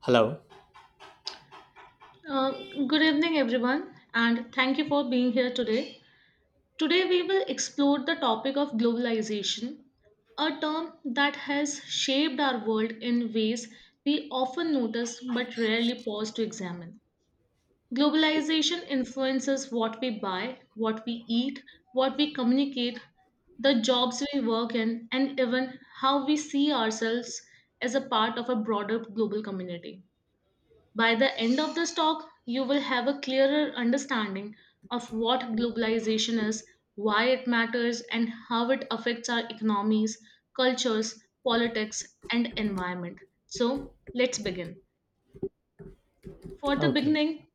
Hello. Uh, Good evening, everyone, and thank you for being here today. Today, we will explore the topic of globalization, a term that has shaped our world in ways we often notice but rarely pause to examine. Globalization influences what we buy, what we eat, what we communicate, the jobs we work in, and even how we see ourselves as a part of a broader global community. By the end of this talk, you will have a clearer understanding of what globalization is, why it matters, and how it affects our economies, cultures, politics, and environment. So, let's begin. For the Okay. beginning,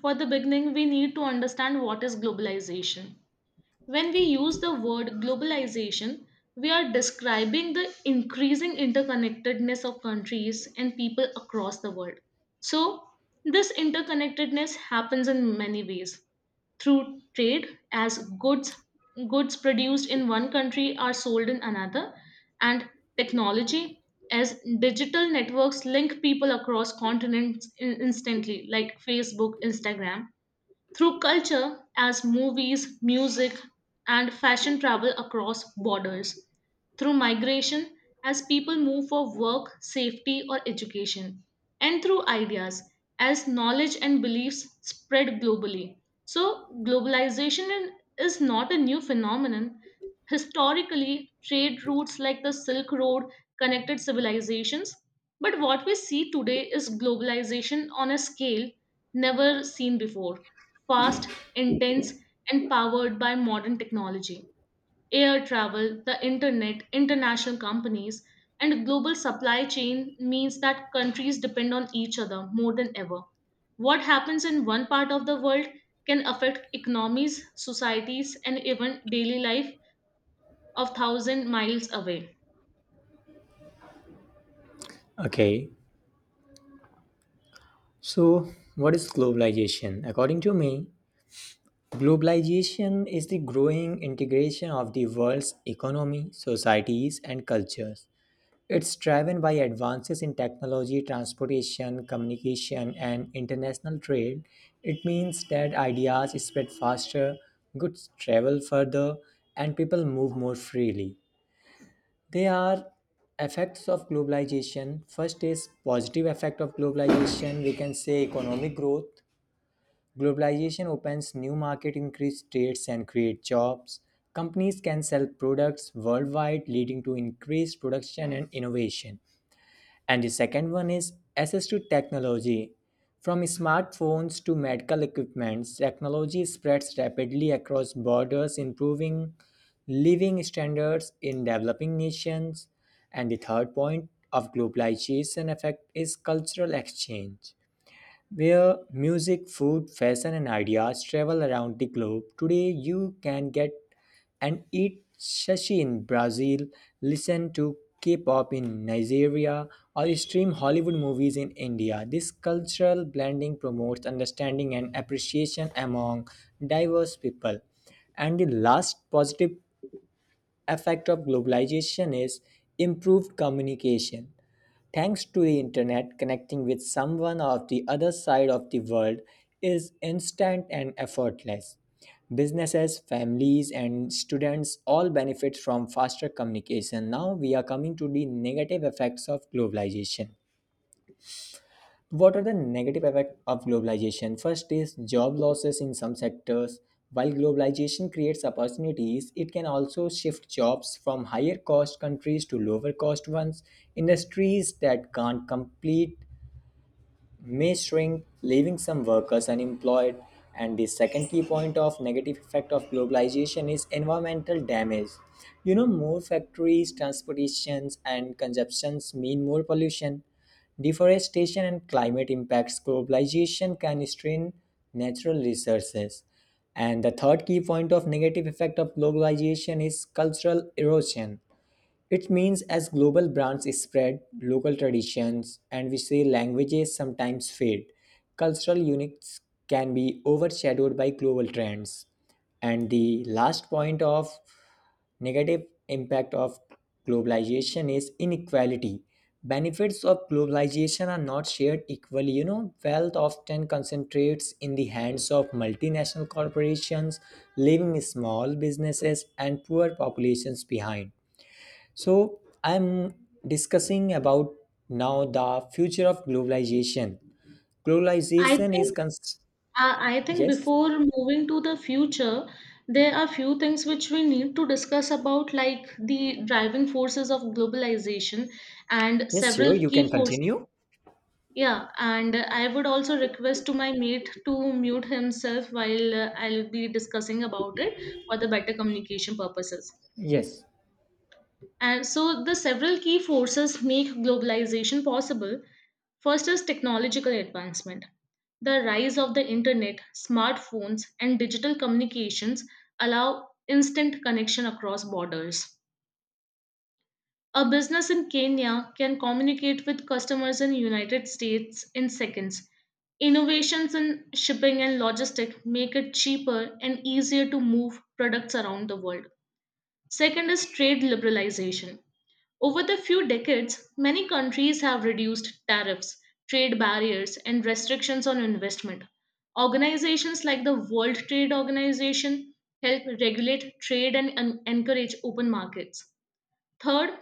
for the beginning, we need to understand what is globalization. When we use the word globalization, we are describing the increasing interconnectedness of countries and people across the world. So, this interconnectedness happens in many ways through trade as goods produced in one country are sold in another, and technology as digital networks link people across continents instantly, like Facebook, Instagram, through culture as movies, music, and fashion travel across borders, through migration as people move for work, safety, or education, and through ideas as knowledge and beliefs spread globally. So, globalization is not a new phenomenon. Historically, trade routes like the Silk Road connected civilizations, but what we see today is globalization on a scale never seen before: fast, intense, and powered by modern technology. Air travel, the internet, international companies, and global supply chain means that countries depend on each other more than ever. What happens in one part of the world can affect economies, societies, and even daily life of thousand miles away. Okay. So, what is globalization? According to me, globalization is the growing integration of the world's economy, societies, and cultures. It's driven by advances in technology, transportation, communication, and international trade. It means that ideas spread faster, goods travel further, and people move more freely. They are effects of globalization. First is positive effect of globalization. We can say economic growth. Globalization opens new market, increase trades and create jobs. Companies can sell products worldwide, leading to increased production and innovation. And the second one is access to technology. From smartphones to medical equipments, technology spreads rapidly across borders, improving living standards in developing nations. And the third point of globalization effect is cultural exchange where music, food, fashion, and ideas travel around the globe. Today, you can get and eat sushi in Brazil, listen to K pop in Nigeria, or stream Hollywood movies in India. This cultural blending promotes understanding and appreciation among diverse people. And the last positive effect of globalization is improved communication. Thanks to the internet, connecting with someone of the other side of the world is instant and effortless. Businesses, families, and students all benefit from faster communication. Now we are coming to the negative effects of globalization. What are the negative effects of globalization? First is job losses in some sectors. While globalization creates opportunities, it can also shift jobs from higher cost countries to lower cost ones. Industries that can't complete may shrink, leaving some workers unemployed. And the second key point of negative effect of globalization is environmental damage. You know, more factories, transportations, and consumptions mean more pollution. Deforestation and climate impacts globalization can strain natural resources. And the third key point of negative effect of globalization is cultural erosion. It means as global brands spread, local traditions and we say languages sometimes fade. Cultural uniques can be overshadowed by global trends. And the last point of negative impact of globalization is inequality. Benefits of globalization are not shared equally. You know, wealth often concentrates in the hands of multinational corporations, leaving small businesses and poor populations behind. So I'm discussing about now the future of globalization. I Globalization is think cons- I think yes, before moving to the future, there are few things which we need to discuss about, like the driving forces of globalization and yes, sure. several You can key forces. continue. Yeah, and I would also request to my mate to mute himself while I'll be discussing about it, for the better communication purposes. Yes. And so the several key forces make globalization possible. First is technological advancement. The rise of the internet, smartphones, and digital communications allow instant connection across borders. A business in Kenya can communicate with customers in United States in seconds. Innovations in shipping and logistics make it cheaper and easier to move products around the world. Second is trade liberalization. Over the few decades, many countries have reduced tariffs, trade barriers, and restrictions on investment. Organizations like the World Trade Organization help regulate trade and encourage open markets. Third,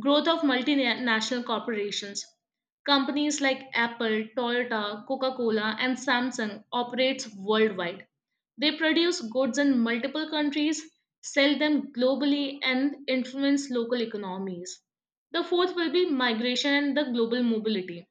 growth of multinational corporations. Companies like Apple, Toyota, Coca-Cola, and Samsung operates worldwide. They produce goods in multiple countries, sell them globally, and influence local economies. The fourth will be migration and the global mobility.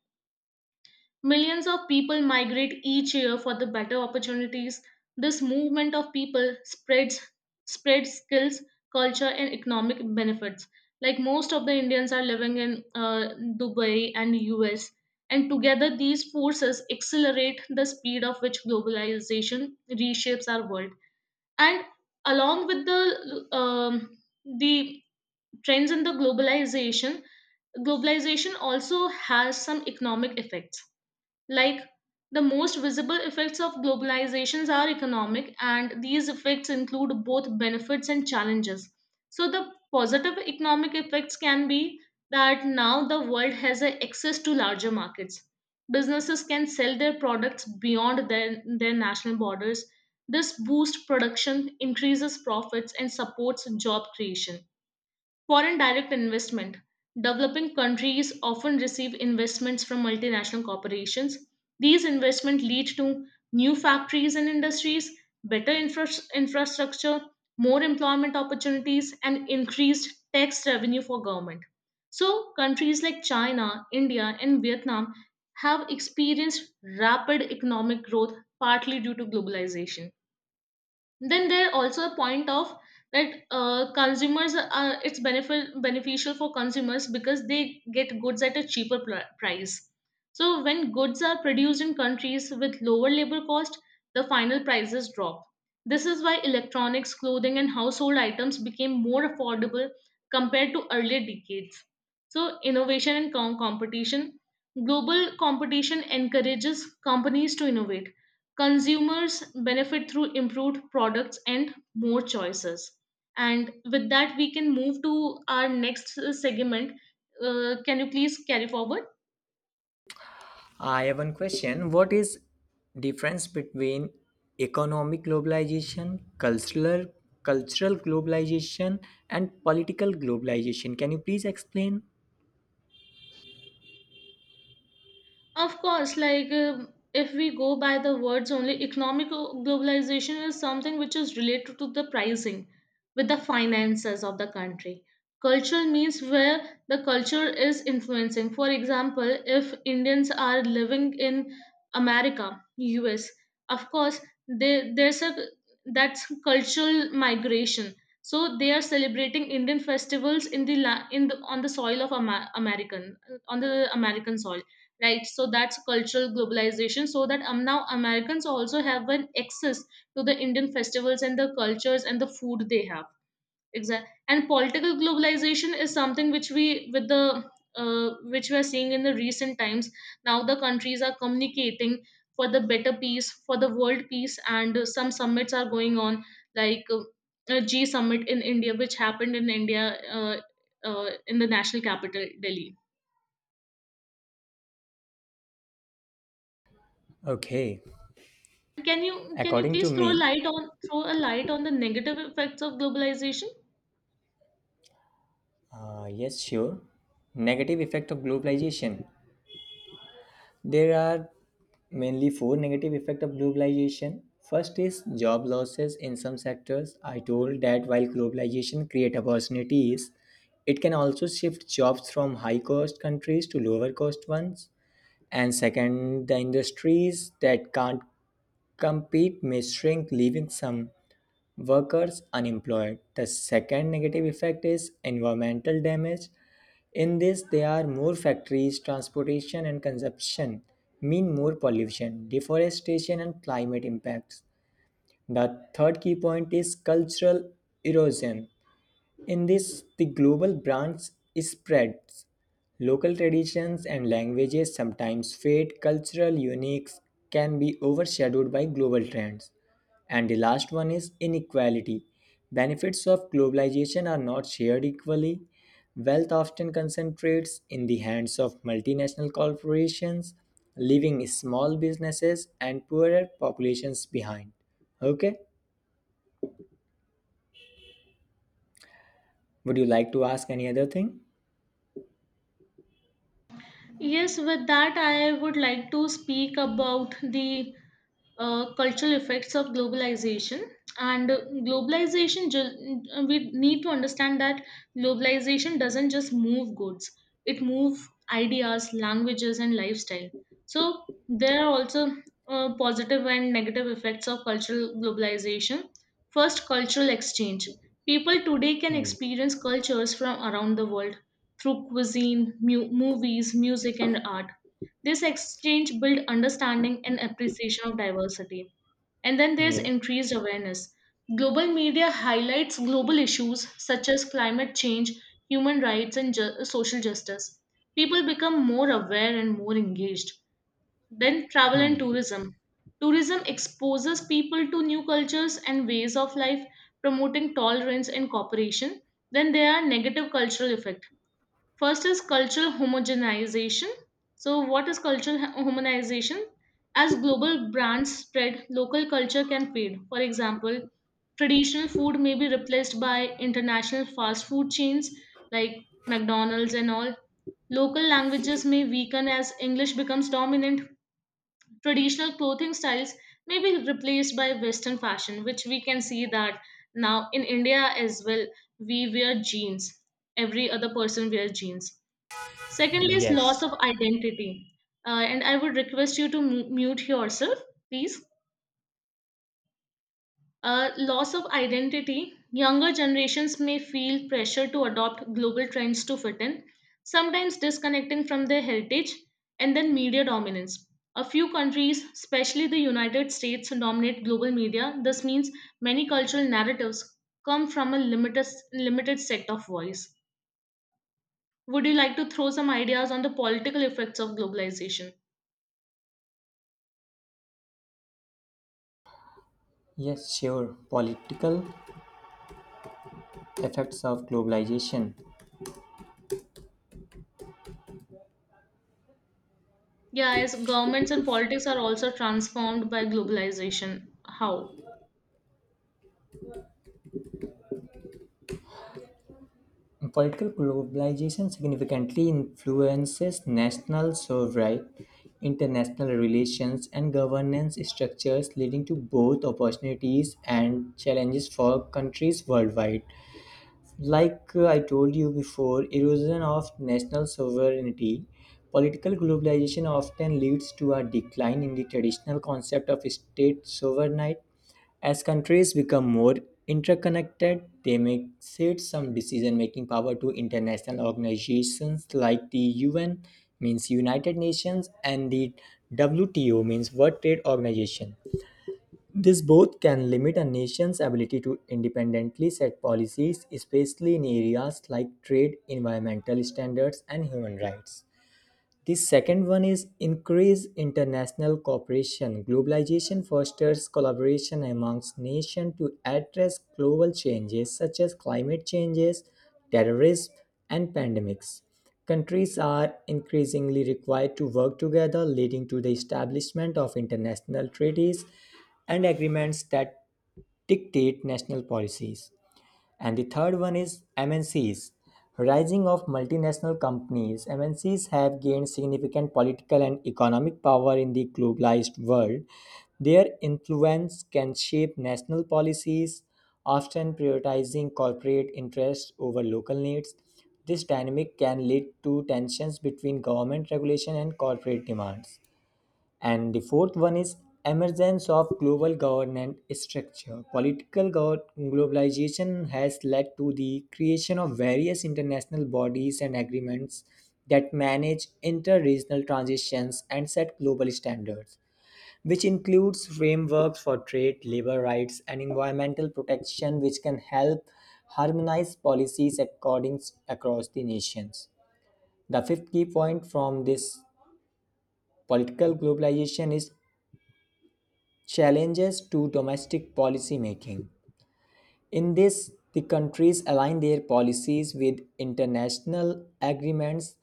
Millions of people migrate each year for the better opportunities. This movement of people spreads skills, culture, and economic benefits. Like most of the Indians are living in Dubai and US, and together these forces accelerate the speed of which globalization reshapes our world. And along with the trends in the globalization also has some economic effects, like the most visible effects of globalizations are economic, and these effects include both benefits and challenges. So the positive economic effects can be that now the world has a access to larger markets. Businesses can sell their products beyond their national borders. This boosts production, increases profits, and supports job creation. Foreign direct investment. Developing countries often receive investments from multinational corporations. These investments lead to new factories and industries, better infrastructure, more employment opportunities, and increased tax revenue for government. So, countries like China, India, and Vietnam have experienced rapid economic growth partly due to globalization. Then there are also a point of that consumers are, it's benefit, beneficial for consumers because they get goods at a cheaper price. So when goods are produced in countries with lower labor cost, the final prices drop. This is why electronics, clothing, and household items became more affordable compared to earlier decades. So innovation and competition, global competition encourages companies to innovate. Consumers benefit through improved products and more choices. And with that, we can move to our next segment. Can you please carry forward? I have one question. What is difference between economic globalization, cultural globalization, and political globalization? Can you please explain? Of course, like if we go by the words only, economic globalization is something which is related to the pricing, with the finances of the country. Cultural means where the culture is influencing. For example, if Indians are living in America, US, of course, they, there's a, that's cultural migration. So they are celebrating Indian festivals in the la- in the, on the soil of Ama- American on the American soil, right? So that's cultural globalization, so that now Americans also have an access to the Indian festivals and the cultures and the food they have, exactly. And political globalization is something which we are seeing in the recent times. Now the countries are communicating for the better peace, for the world peace, and some summits are going on, like a G summit in India, which happened in India, uh, in the national capital, Delhi. Okay, Can you according to please throw a me, light on throw a light on the negative effects of globalization? Yes, sure. Negative effect of globalization. There are mainly four negative effects of globalization. First is job losses in some sectors. I told that while globalization create opportunities, it can also shift jobs from high cost countries to lower cost ones. And second, the industries that can't compete may shrink, leaving some workers unemployed. The second negative effect is environmental damage. In this, there are more factories, transportation, and consumption mean more pollution, deforestation, and climate impacts. The third key point is cultural erosion. In this, the global branch spreads. Local traditions and languages sometimes fade, cultural uniques can be overshadowed by global trends. And the last one is inequality. Benefits of globalization are not shared equally. Wealth often concentrates in the hands of multinational corporations, leaving small businesses and poorer populations behind. Okay? Would you like to ask any other thing? Yes, with that I would like to speak about the cultural effects of globalization, and we need to understand that globalization doesn't just move goods, it moves ideas, languages, and lifestyle. So there are also positive and negative effects of cultural globalization. First, cultural exchange. People today can Hmm. experience cultures from around the world through cuisine, movies, music, and art. This exchange builds understanding and appreciation of diversity. And then there's Yes. increased awareness. Global media highlights global issues such as climate change, human rights, and social justice. People become more aware and more engaged. Then travel and Hmm. tourism. Tourism exposes people to new cultures and ways of life, promoting tolerance and cooperation. Then there are negative cultural effects. First is cultural homogenization. So, what is cultural homogenization? As global brands spread, local culture can fade. For example, traditional food may be replaced by international fast food chains like McDonald's and all. Local languages may weaken as English becomes dominant. Traditional clothing styles may be replaced by Western fashion, which we can see that now in India as well. We wear jeans. Every other person wears jeans. Secondly, is Yes. loss of identity. And I would request you to mute yourself, please. Loss of identity. Younger generations may feel pressure to adopt global trends to fit in, sometimes disconnecting from their heritage, and then media dominance. A few countries, especially the United States, dominate global media. This means many cultural narratives come from a limited set of voice. Would you like to throw some ideas on the political effects of globalization? Yes, sure. Political effects of globalization. Yeah, as governments and politics are also transformed by globalization. How? Political globalization significantly influences national sovereignty, international relations, and governance structures, leading to both opportunities and challenges for countries worldwide. Like I told you before, erosion of national sovereignty, political globalization often leads to a decline in the traditional concept of state sovereignty. As countries become more interconnected, they may cede some decision making power to international organizations like the UN, means United Nations, and the WTO, means World Trade Organization. This both can limit a nation's ability to independently set policies, especially in areas like trade, environmental standards, and human rights. The second one is increase international cooperation. Globalization fosters collaboration amongst nations to address global changes such as climate changes, terrorism, and pandemics. Countries are increasingly required to work together, leading to the establishment of international treaties and agreements that dictate national policies. And the third one is MNCs. Rising of multinational companies, MNCs have gained significant political and economic power in the globalized world. Their influence can shape national policies, often prioritizing corporate interests over local needs. This dynamic can lead to tensions between government regulation and corporate demands. And the fourth one is emergence of global governance structure. Globalization has led to the creation of various international bodies and agreements that manage inter-regional transitions and set global standards, which includes frameworks for trade, labor rights, and environmental protection, which can help harmonize policies according across the nations. The fifth key point from this political globalization is challenges to domestic policy making. In this, the countries align their policies with international agreements.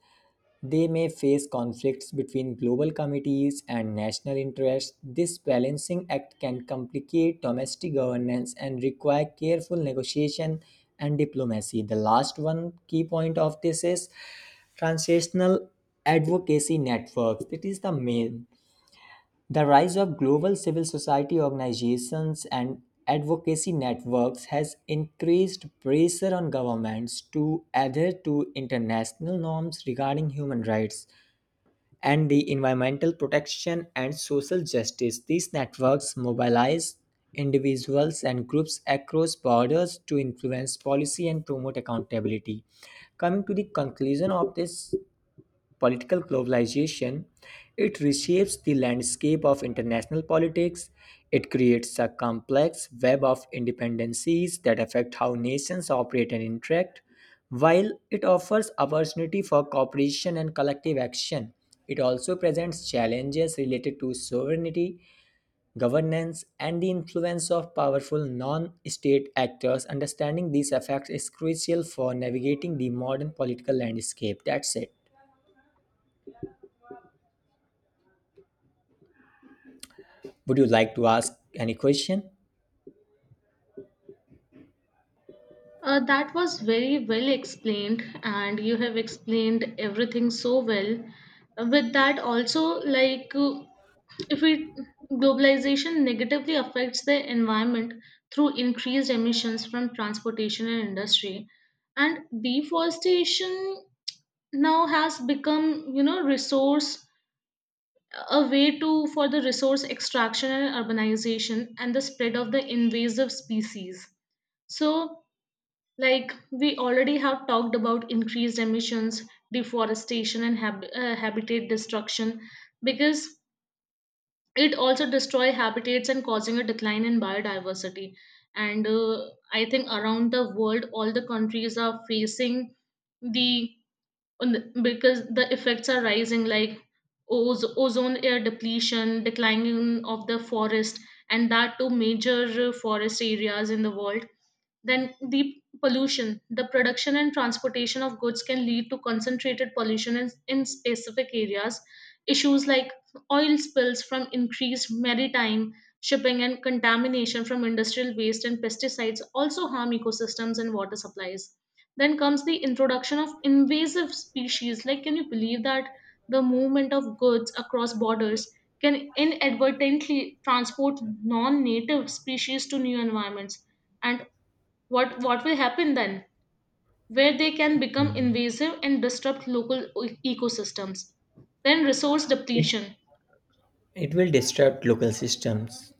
They may face conflicts between global committees and national interests. This balancing act can complicate domestic governance and require careful negotiation and diplomacy. The last one key point of this is translational advocacy networks. It is the main The rise of global civil society organizations and advocacy networks has increased pressure on governments to adhere to international norms regarding human rights and the environmental protection and social justice. These networks mobilize individuals and groups across borders to influence policy and promote accountability. Coming to the conclusion of this political globalization, it reshapes the landscape of international politics. It creates a complex web of independencies that affect how nations operate and interact. While it offers opportunity for cooperation and collective action, it also presents challenges related to sovereignty, governance, and the influence of powerful non state actors. Understanding these effects is crucial for navigating the modern political landscape. That's it. Would you like to ask any question? That was very well explained, and you have explained everything so well. With that, also, like if we globalization negatively affects the environment through increased emissions from transportation and industry, and deforestation now has become, you know resource a way to for the resource extraction and urbanization and the spread of the invasive species. So, like we already have talked about, increased emissions, deforestation, and habitat destruction, because it also destroy habitats and causing a decline in biodiversity. And I think around the world all the countries are facing the because the effects are rising, like ozone air depletion, declining of the forest, and that too major forest areas in the world. Then the pollution. The production and transportation of goods can lead to concentrated pollution in specific areas. Issues like oil spills from increased maritime shipping and contamination from industrial waste and pesticides also harm ecosystems and water supplies. Then comes the introduction of invasive species. Like, can you believe that the movement of goods across borders can inadvertently transport non native species to new environments, and what will happen then, where they can become Mhm. invasive and disrupt local ecosystems, then resource depletion, It will disrupt local systems.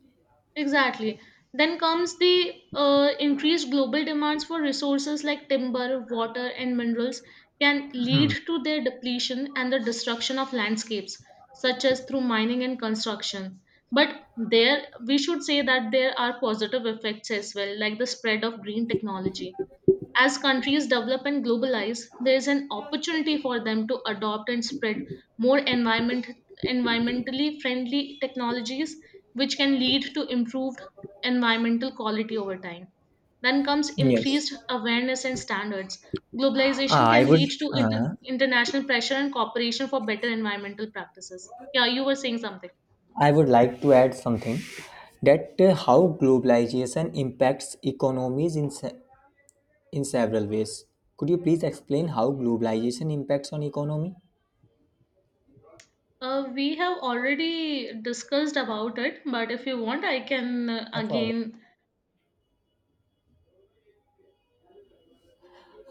exactly. Then comes the increased global demands for resources like timber, water, and minerals can lead to their depletion and the destruction of landscapes, such as through mining and construction. But there we should say that there are positive effects as well, like the spread of green technology. As countries develop and globalize, there is an opportunity for them to adopt and spread more environmentally friendly technologies, which can lead to improved environmental quality over time. Then comes Yes, increased awareness and standards. Globalization Ah, I can would. lead to Uh, international pressure and cooperation for better environmental practices. Yeah, you were saying something. I would like to add something that how globalization impacts economies in several ways. Could you please explain how globalization impacts on economy? We have already discussed about it, but if you want, I can I forgot. again.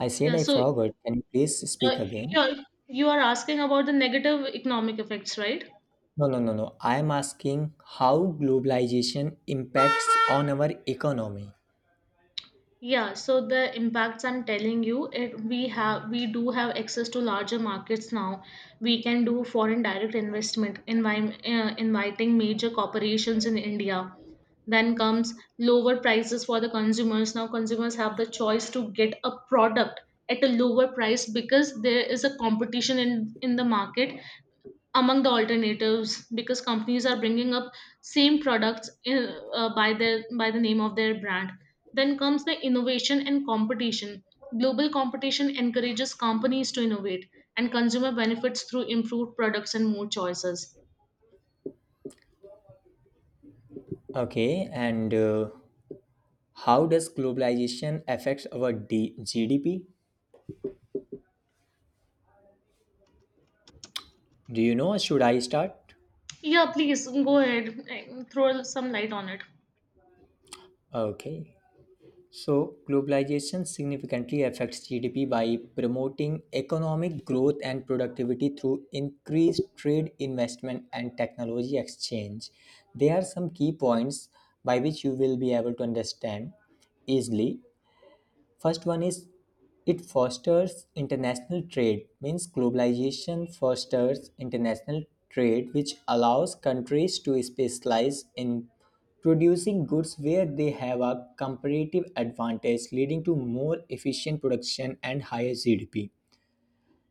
I said Yeah, I so forgot. Can you please Uh, speak again? you're, you are asking about the negative economic effects, right? No, no, no, no. I am asking how globalization impacts on our economy. Yeah, so the impacts I'm telling you, we do have access to larger markets now. We can do foreign direct investment, inviting major corporations in India. Then comes lower prices for the consumers. Now consumers have the choice to get a product at a lower price because there is a competition in the market among the alternatives because companies are bringing up same products by the name of their brand. Then comes the innovation and competition. Global competition encourages companies to innovate, and consumer benefits through improved products and more choices. Okay, and how does globalization affect our GDP? Do you know? Or should I start? Yeah, please go ahead, throw some light on it. Okay. So, globalization significantly affects GDP by promoting economic growth and productivity through increased trade, investment, and technology exchange. There are some key points by which you will be able to understand easily. First one is it fosters international trade, means globalization fosters international trade, which allows countries to specialize in producing goods where they have a comparative advantage, leading to more efficient production and higher GDP.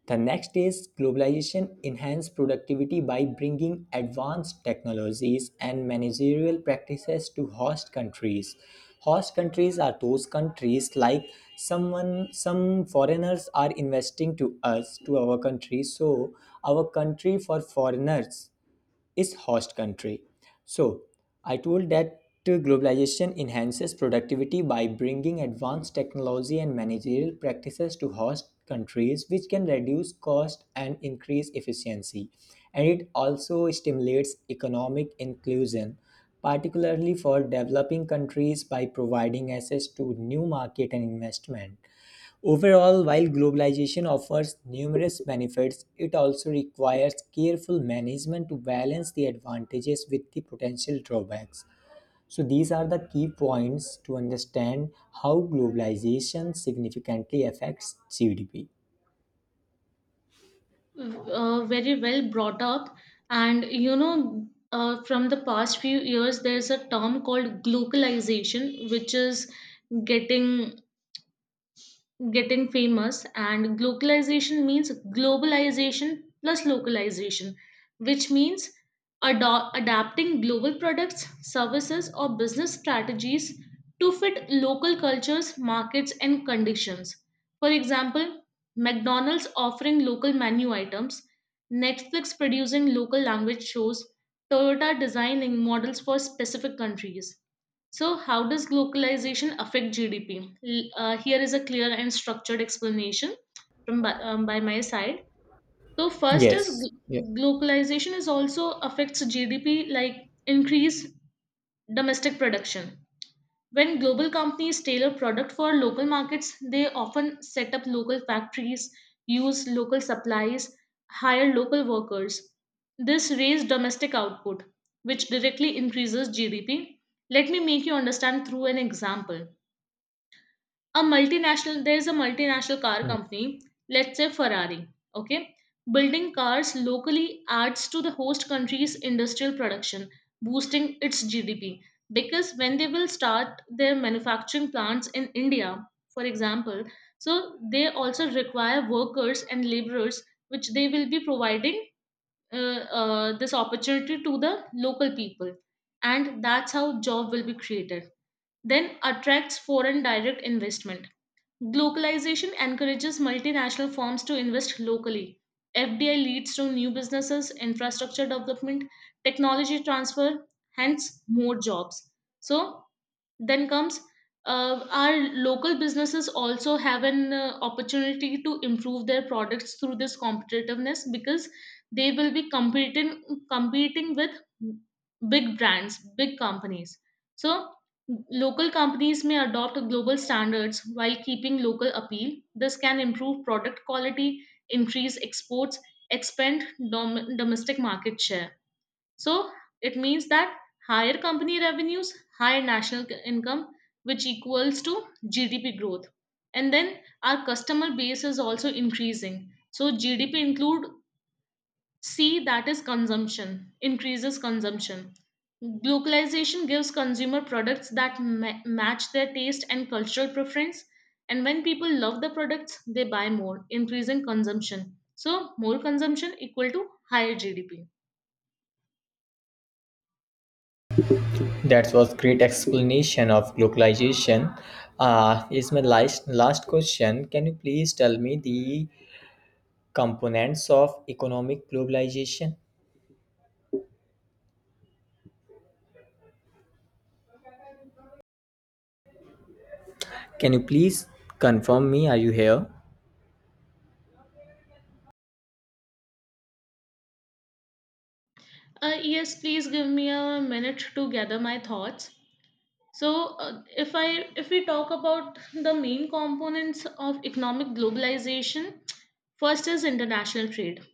The next is globalization enhanced productivity by bringing advanced technologies and managerial practices to host countries. Host countries are those countries like some foreigners are investing to us to our country, so our country for foreigners is host country. So, I told that globalization enhances productivity by bringing advanced technology and managerial practices to host countries, which can reduce cost and increase efficiency. And it also stimulates economic inclusion, particularly for developing countries by providing access to new market and investment. Overall, while globalization offers numerous benefits, it also requires careful management to balance the advantages with the potential drawbacks. So, these are the key points to understand how globalization significantly affects GDP. Very well brought up. And you know, from the past few years there's a term called globalization which is getting getting famous. And globalization means globalization plus localization, which means adapting global products, services or business strategies to fit local cultures, markets and conditions. For example, McDonald's offering local menu items, Netflix producing local language shows, Toyota designing models for specific countries. So, how does globalization affect GDP? Here is a clear and structured explanation by my side. So, first is Yes. Yeah. Globalization is also affects GDP like increase domestic production. When global companies tailor product for local markets, they often set up local factories, use local supplies, hire local workers. This raises domestic output, which directly increases GDP. Let me make you understand through an example. A multinational There is a multinational car Mm. company, let's say Ferrari, okay, building cars locally, adds to the host country's industrial production, boosting its GDP. Because when they will start their manufacturing plants in India, for example, so they also require workers and laborers, which they will be providing, this opportunity to the local people, and that's how job will be created. Then attracts foreign direct investment. Globalization encourages multinational firms to invest locally. FDI leads to new businesses, infrastructure development, technology transfer, hence more jobs. So, then comes, our local businesses also have an opportunity to improve their products through this competitiveness, because they will be competing with big brands, big companies. So local companies may adopt global standards while keeping local appeal. This can improve product quality, increase exports, expand domestic market share. So it means that higher company revenues, higher national income, which equals to GDP growth. And then our customer base is also increasing. So GDP include C, that is consumption, increases consumption. Localization gives consumer products that match their taste and cultural preference. And when people love the products, they buy more, increasing consumption. So more consumption equal to higher GDP. That was great explanation of globalization. Is my last question. Can you please tell me the components of economic globalization? Can you please confirm me? Are you here? Yes, please give me a minute to gather my thoughts. So, if we talk about the main components of economic globalization, first is international trade.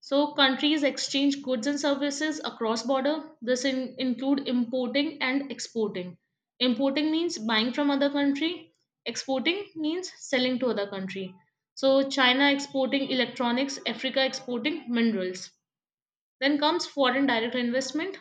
So, countries exchange goods and services across border. This include importing and exporting. Importing means buying from other country. Exporting means selling to other country. So, China exporting electronics, Africa exporting minerals. Then comes foreign direct investment.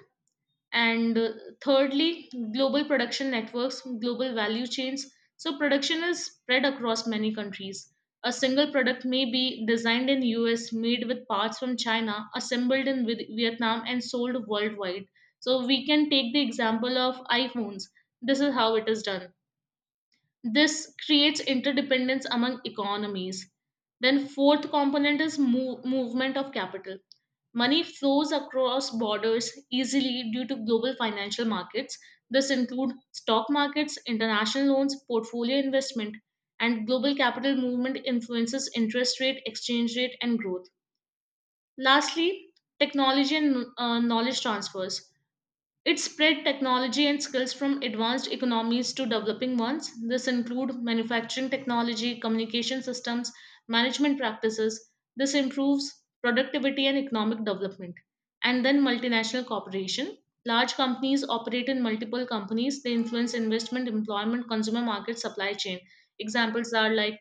And thirdly, global production networks, global value chains. So production is spread across many countries. A single product may be designed in US, made with parts from China, assembled in Vietnam, and sold worldwide. So we can take the example of iPhones. This is how it is done. This creates interdependence among economies. Then, fourth component is movement of capital. Money flows across borders easily due to global financial markets. This include stock markets, international loans, portfolio investment, and global capital movement influences interest rate, exchange rate, and growth. Lastly, technology and knowledge transfers. It spread technology and skills from advanced economies to developing ones. This include manufacturing technology, communication systems, management practices. This improves productivity and economic development. And then multinational cooperation. Large companies operate in multiple companies. They influence investment, employment, consumer market, supply chain. Examples are like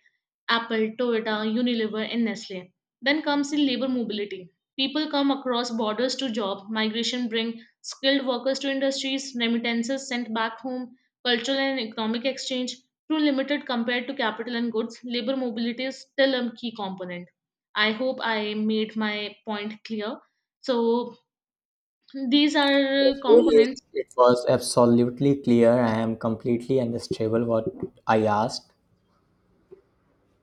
Apple, Toyota, Unilever, and Nestle. Then comes the labor mobility. People come across borders to job, migration bring skilled workers to industries, remittances sent back home, cultural and economic exchange. Through limited compared to capital and goods, labor mobility is still a key component. I hope I made my point clear. So these are Yes, really is. components. It was absolutely clear. I am completely understandable what I asked.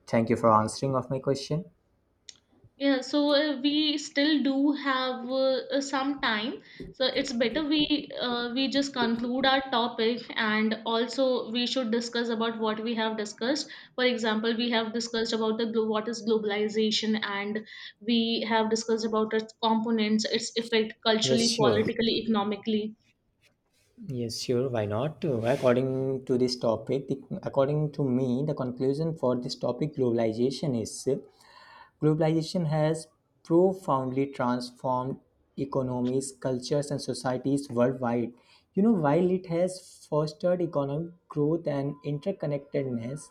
Thank you for answering of my question. Yeah, so we still do have some time, so it's better we just conclude our topic, and also we should discuss about what we have discussed. For example, we have discussed about the what is globalization, and we have discussed about its components, its effect Yes, culturally, sure. politically, economically. Yes, sure. Why not? According to this topic, according to me, the conclusion for this topic globalization is globalization has profoundly transformed economies, cultures, and societies worldwide. You know, while it has fostered economic growth and interconnectedness,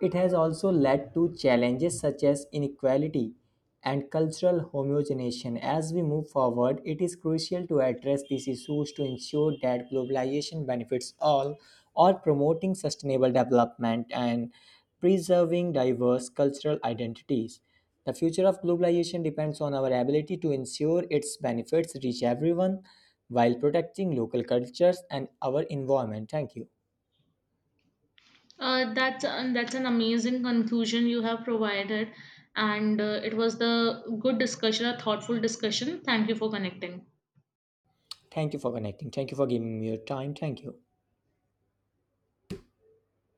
it has also led to challenges such as inequality and cultural homogenization. As we move forward, it is crucial to address these issues to ensure that globalization benefits all or promoting sustainable development and preserving diverse cultural identities. The future of globalization depends on our ability to ensure its benefits reach everyone while protecting local cultures and our environment. Thank you. That's an amazing conclusion you have provided, and it was the good discussion, a thoughtful discussion. Thank you for connecting. Thank you for connecting. Thank you for giving me your time. Thank you.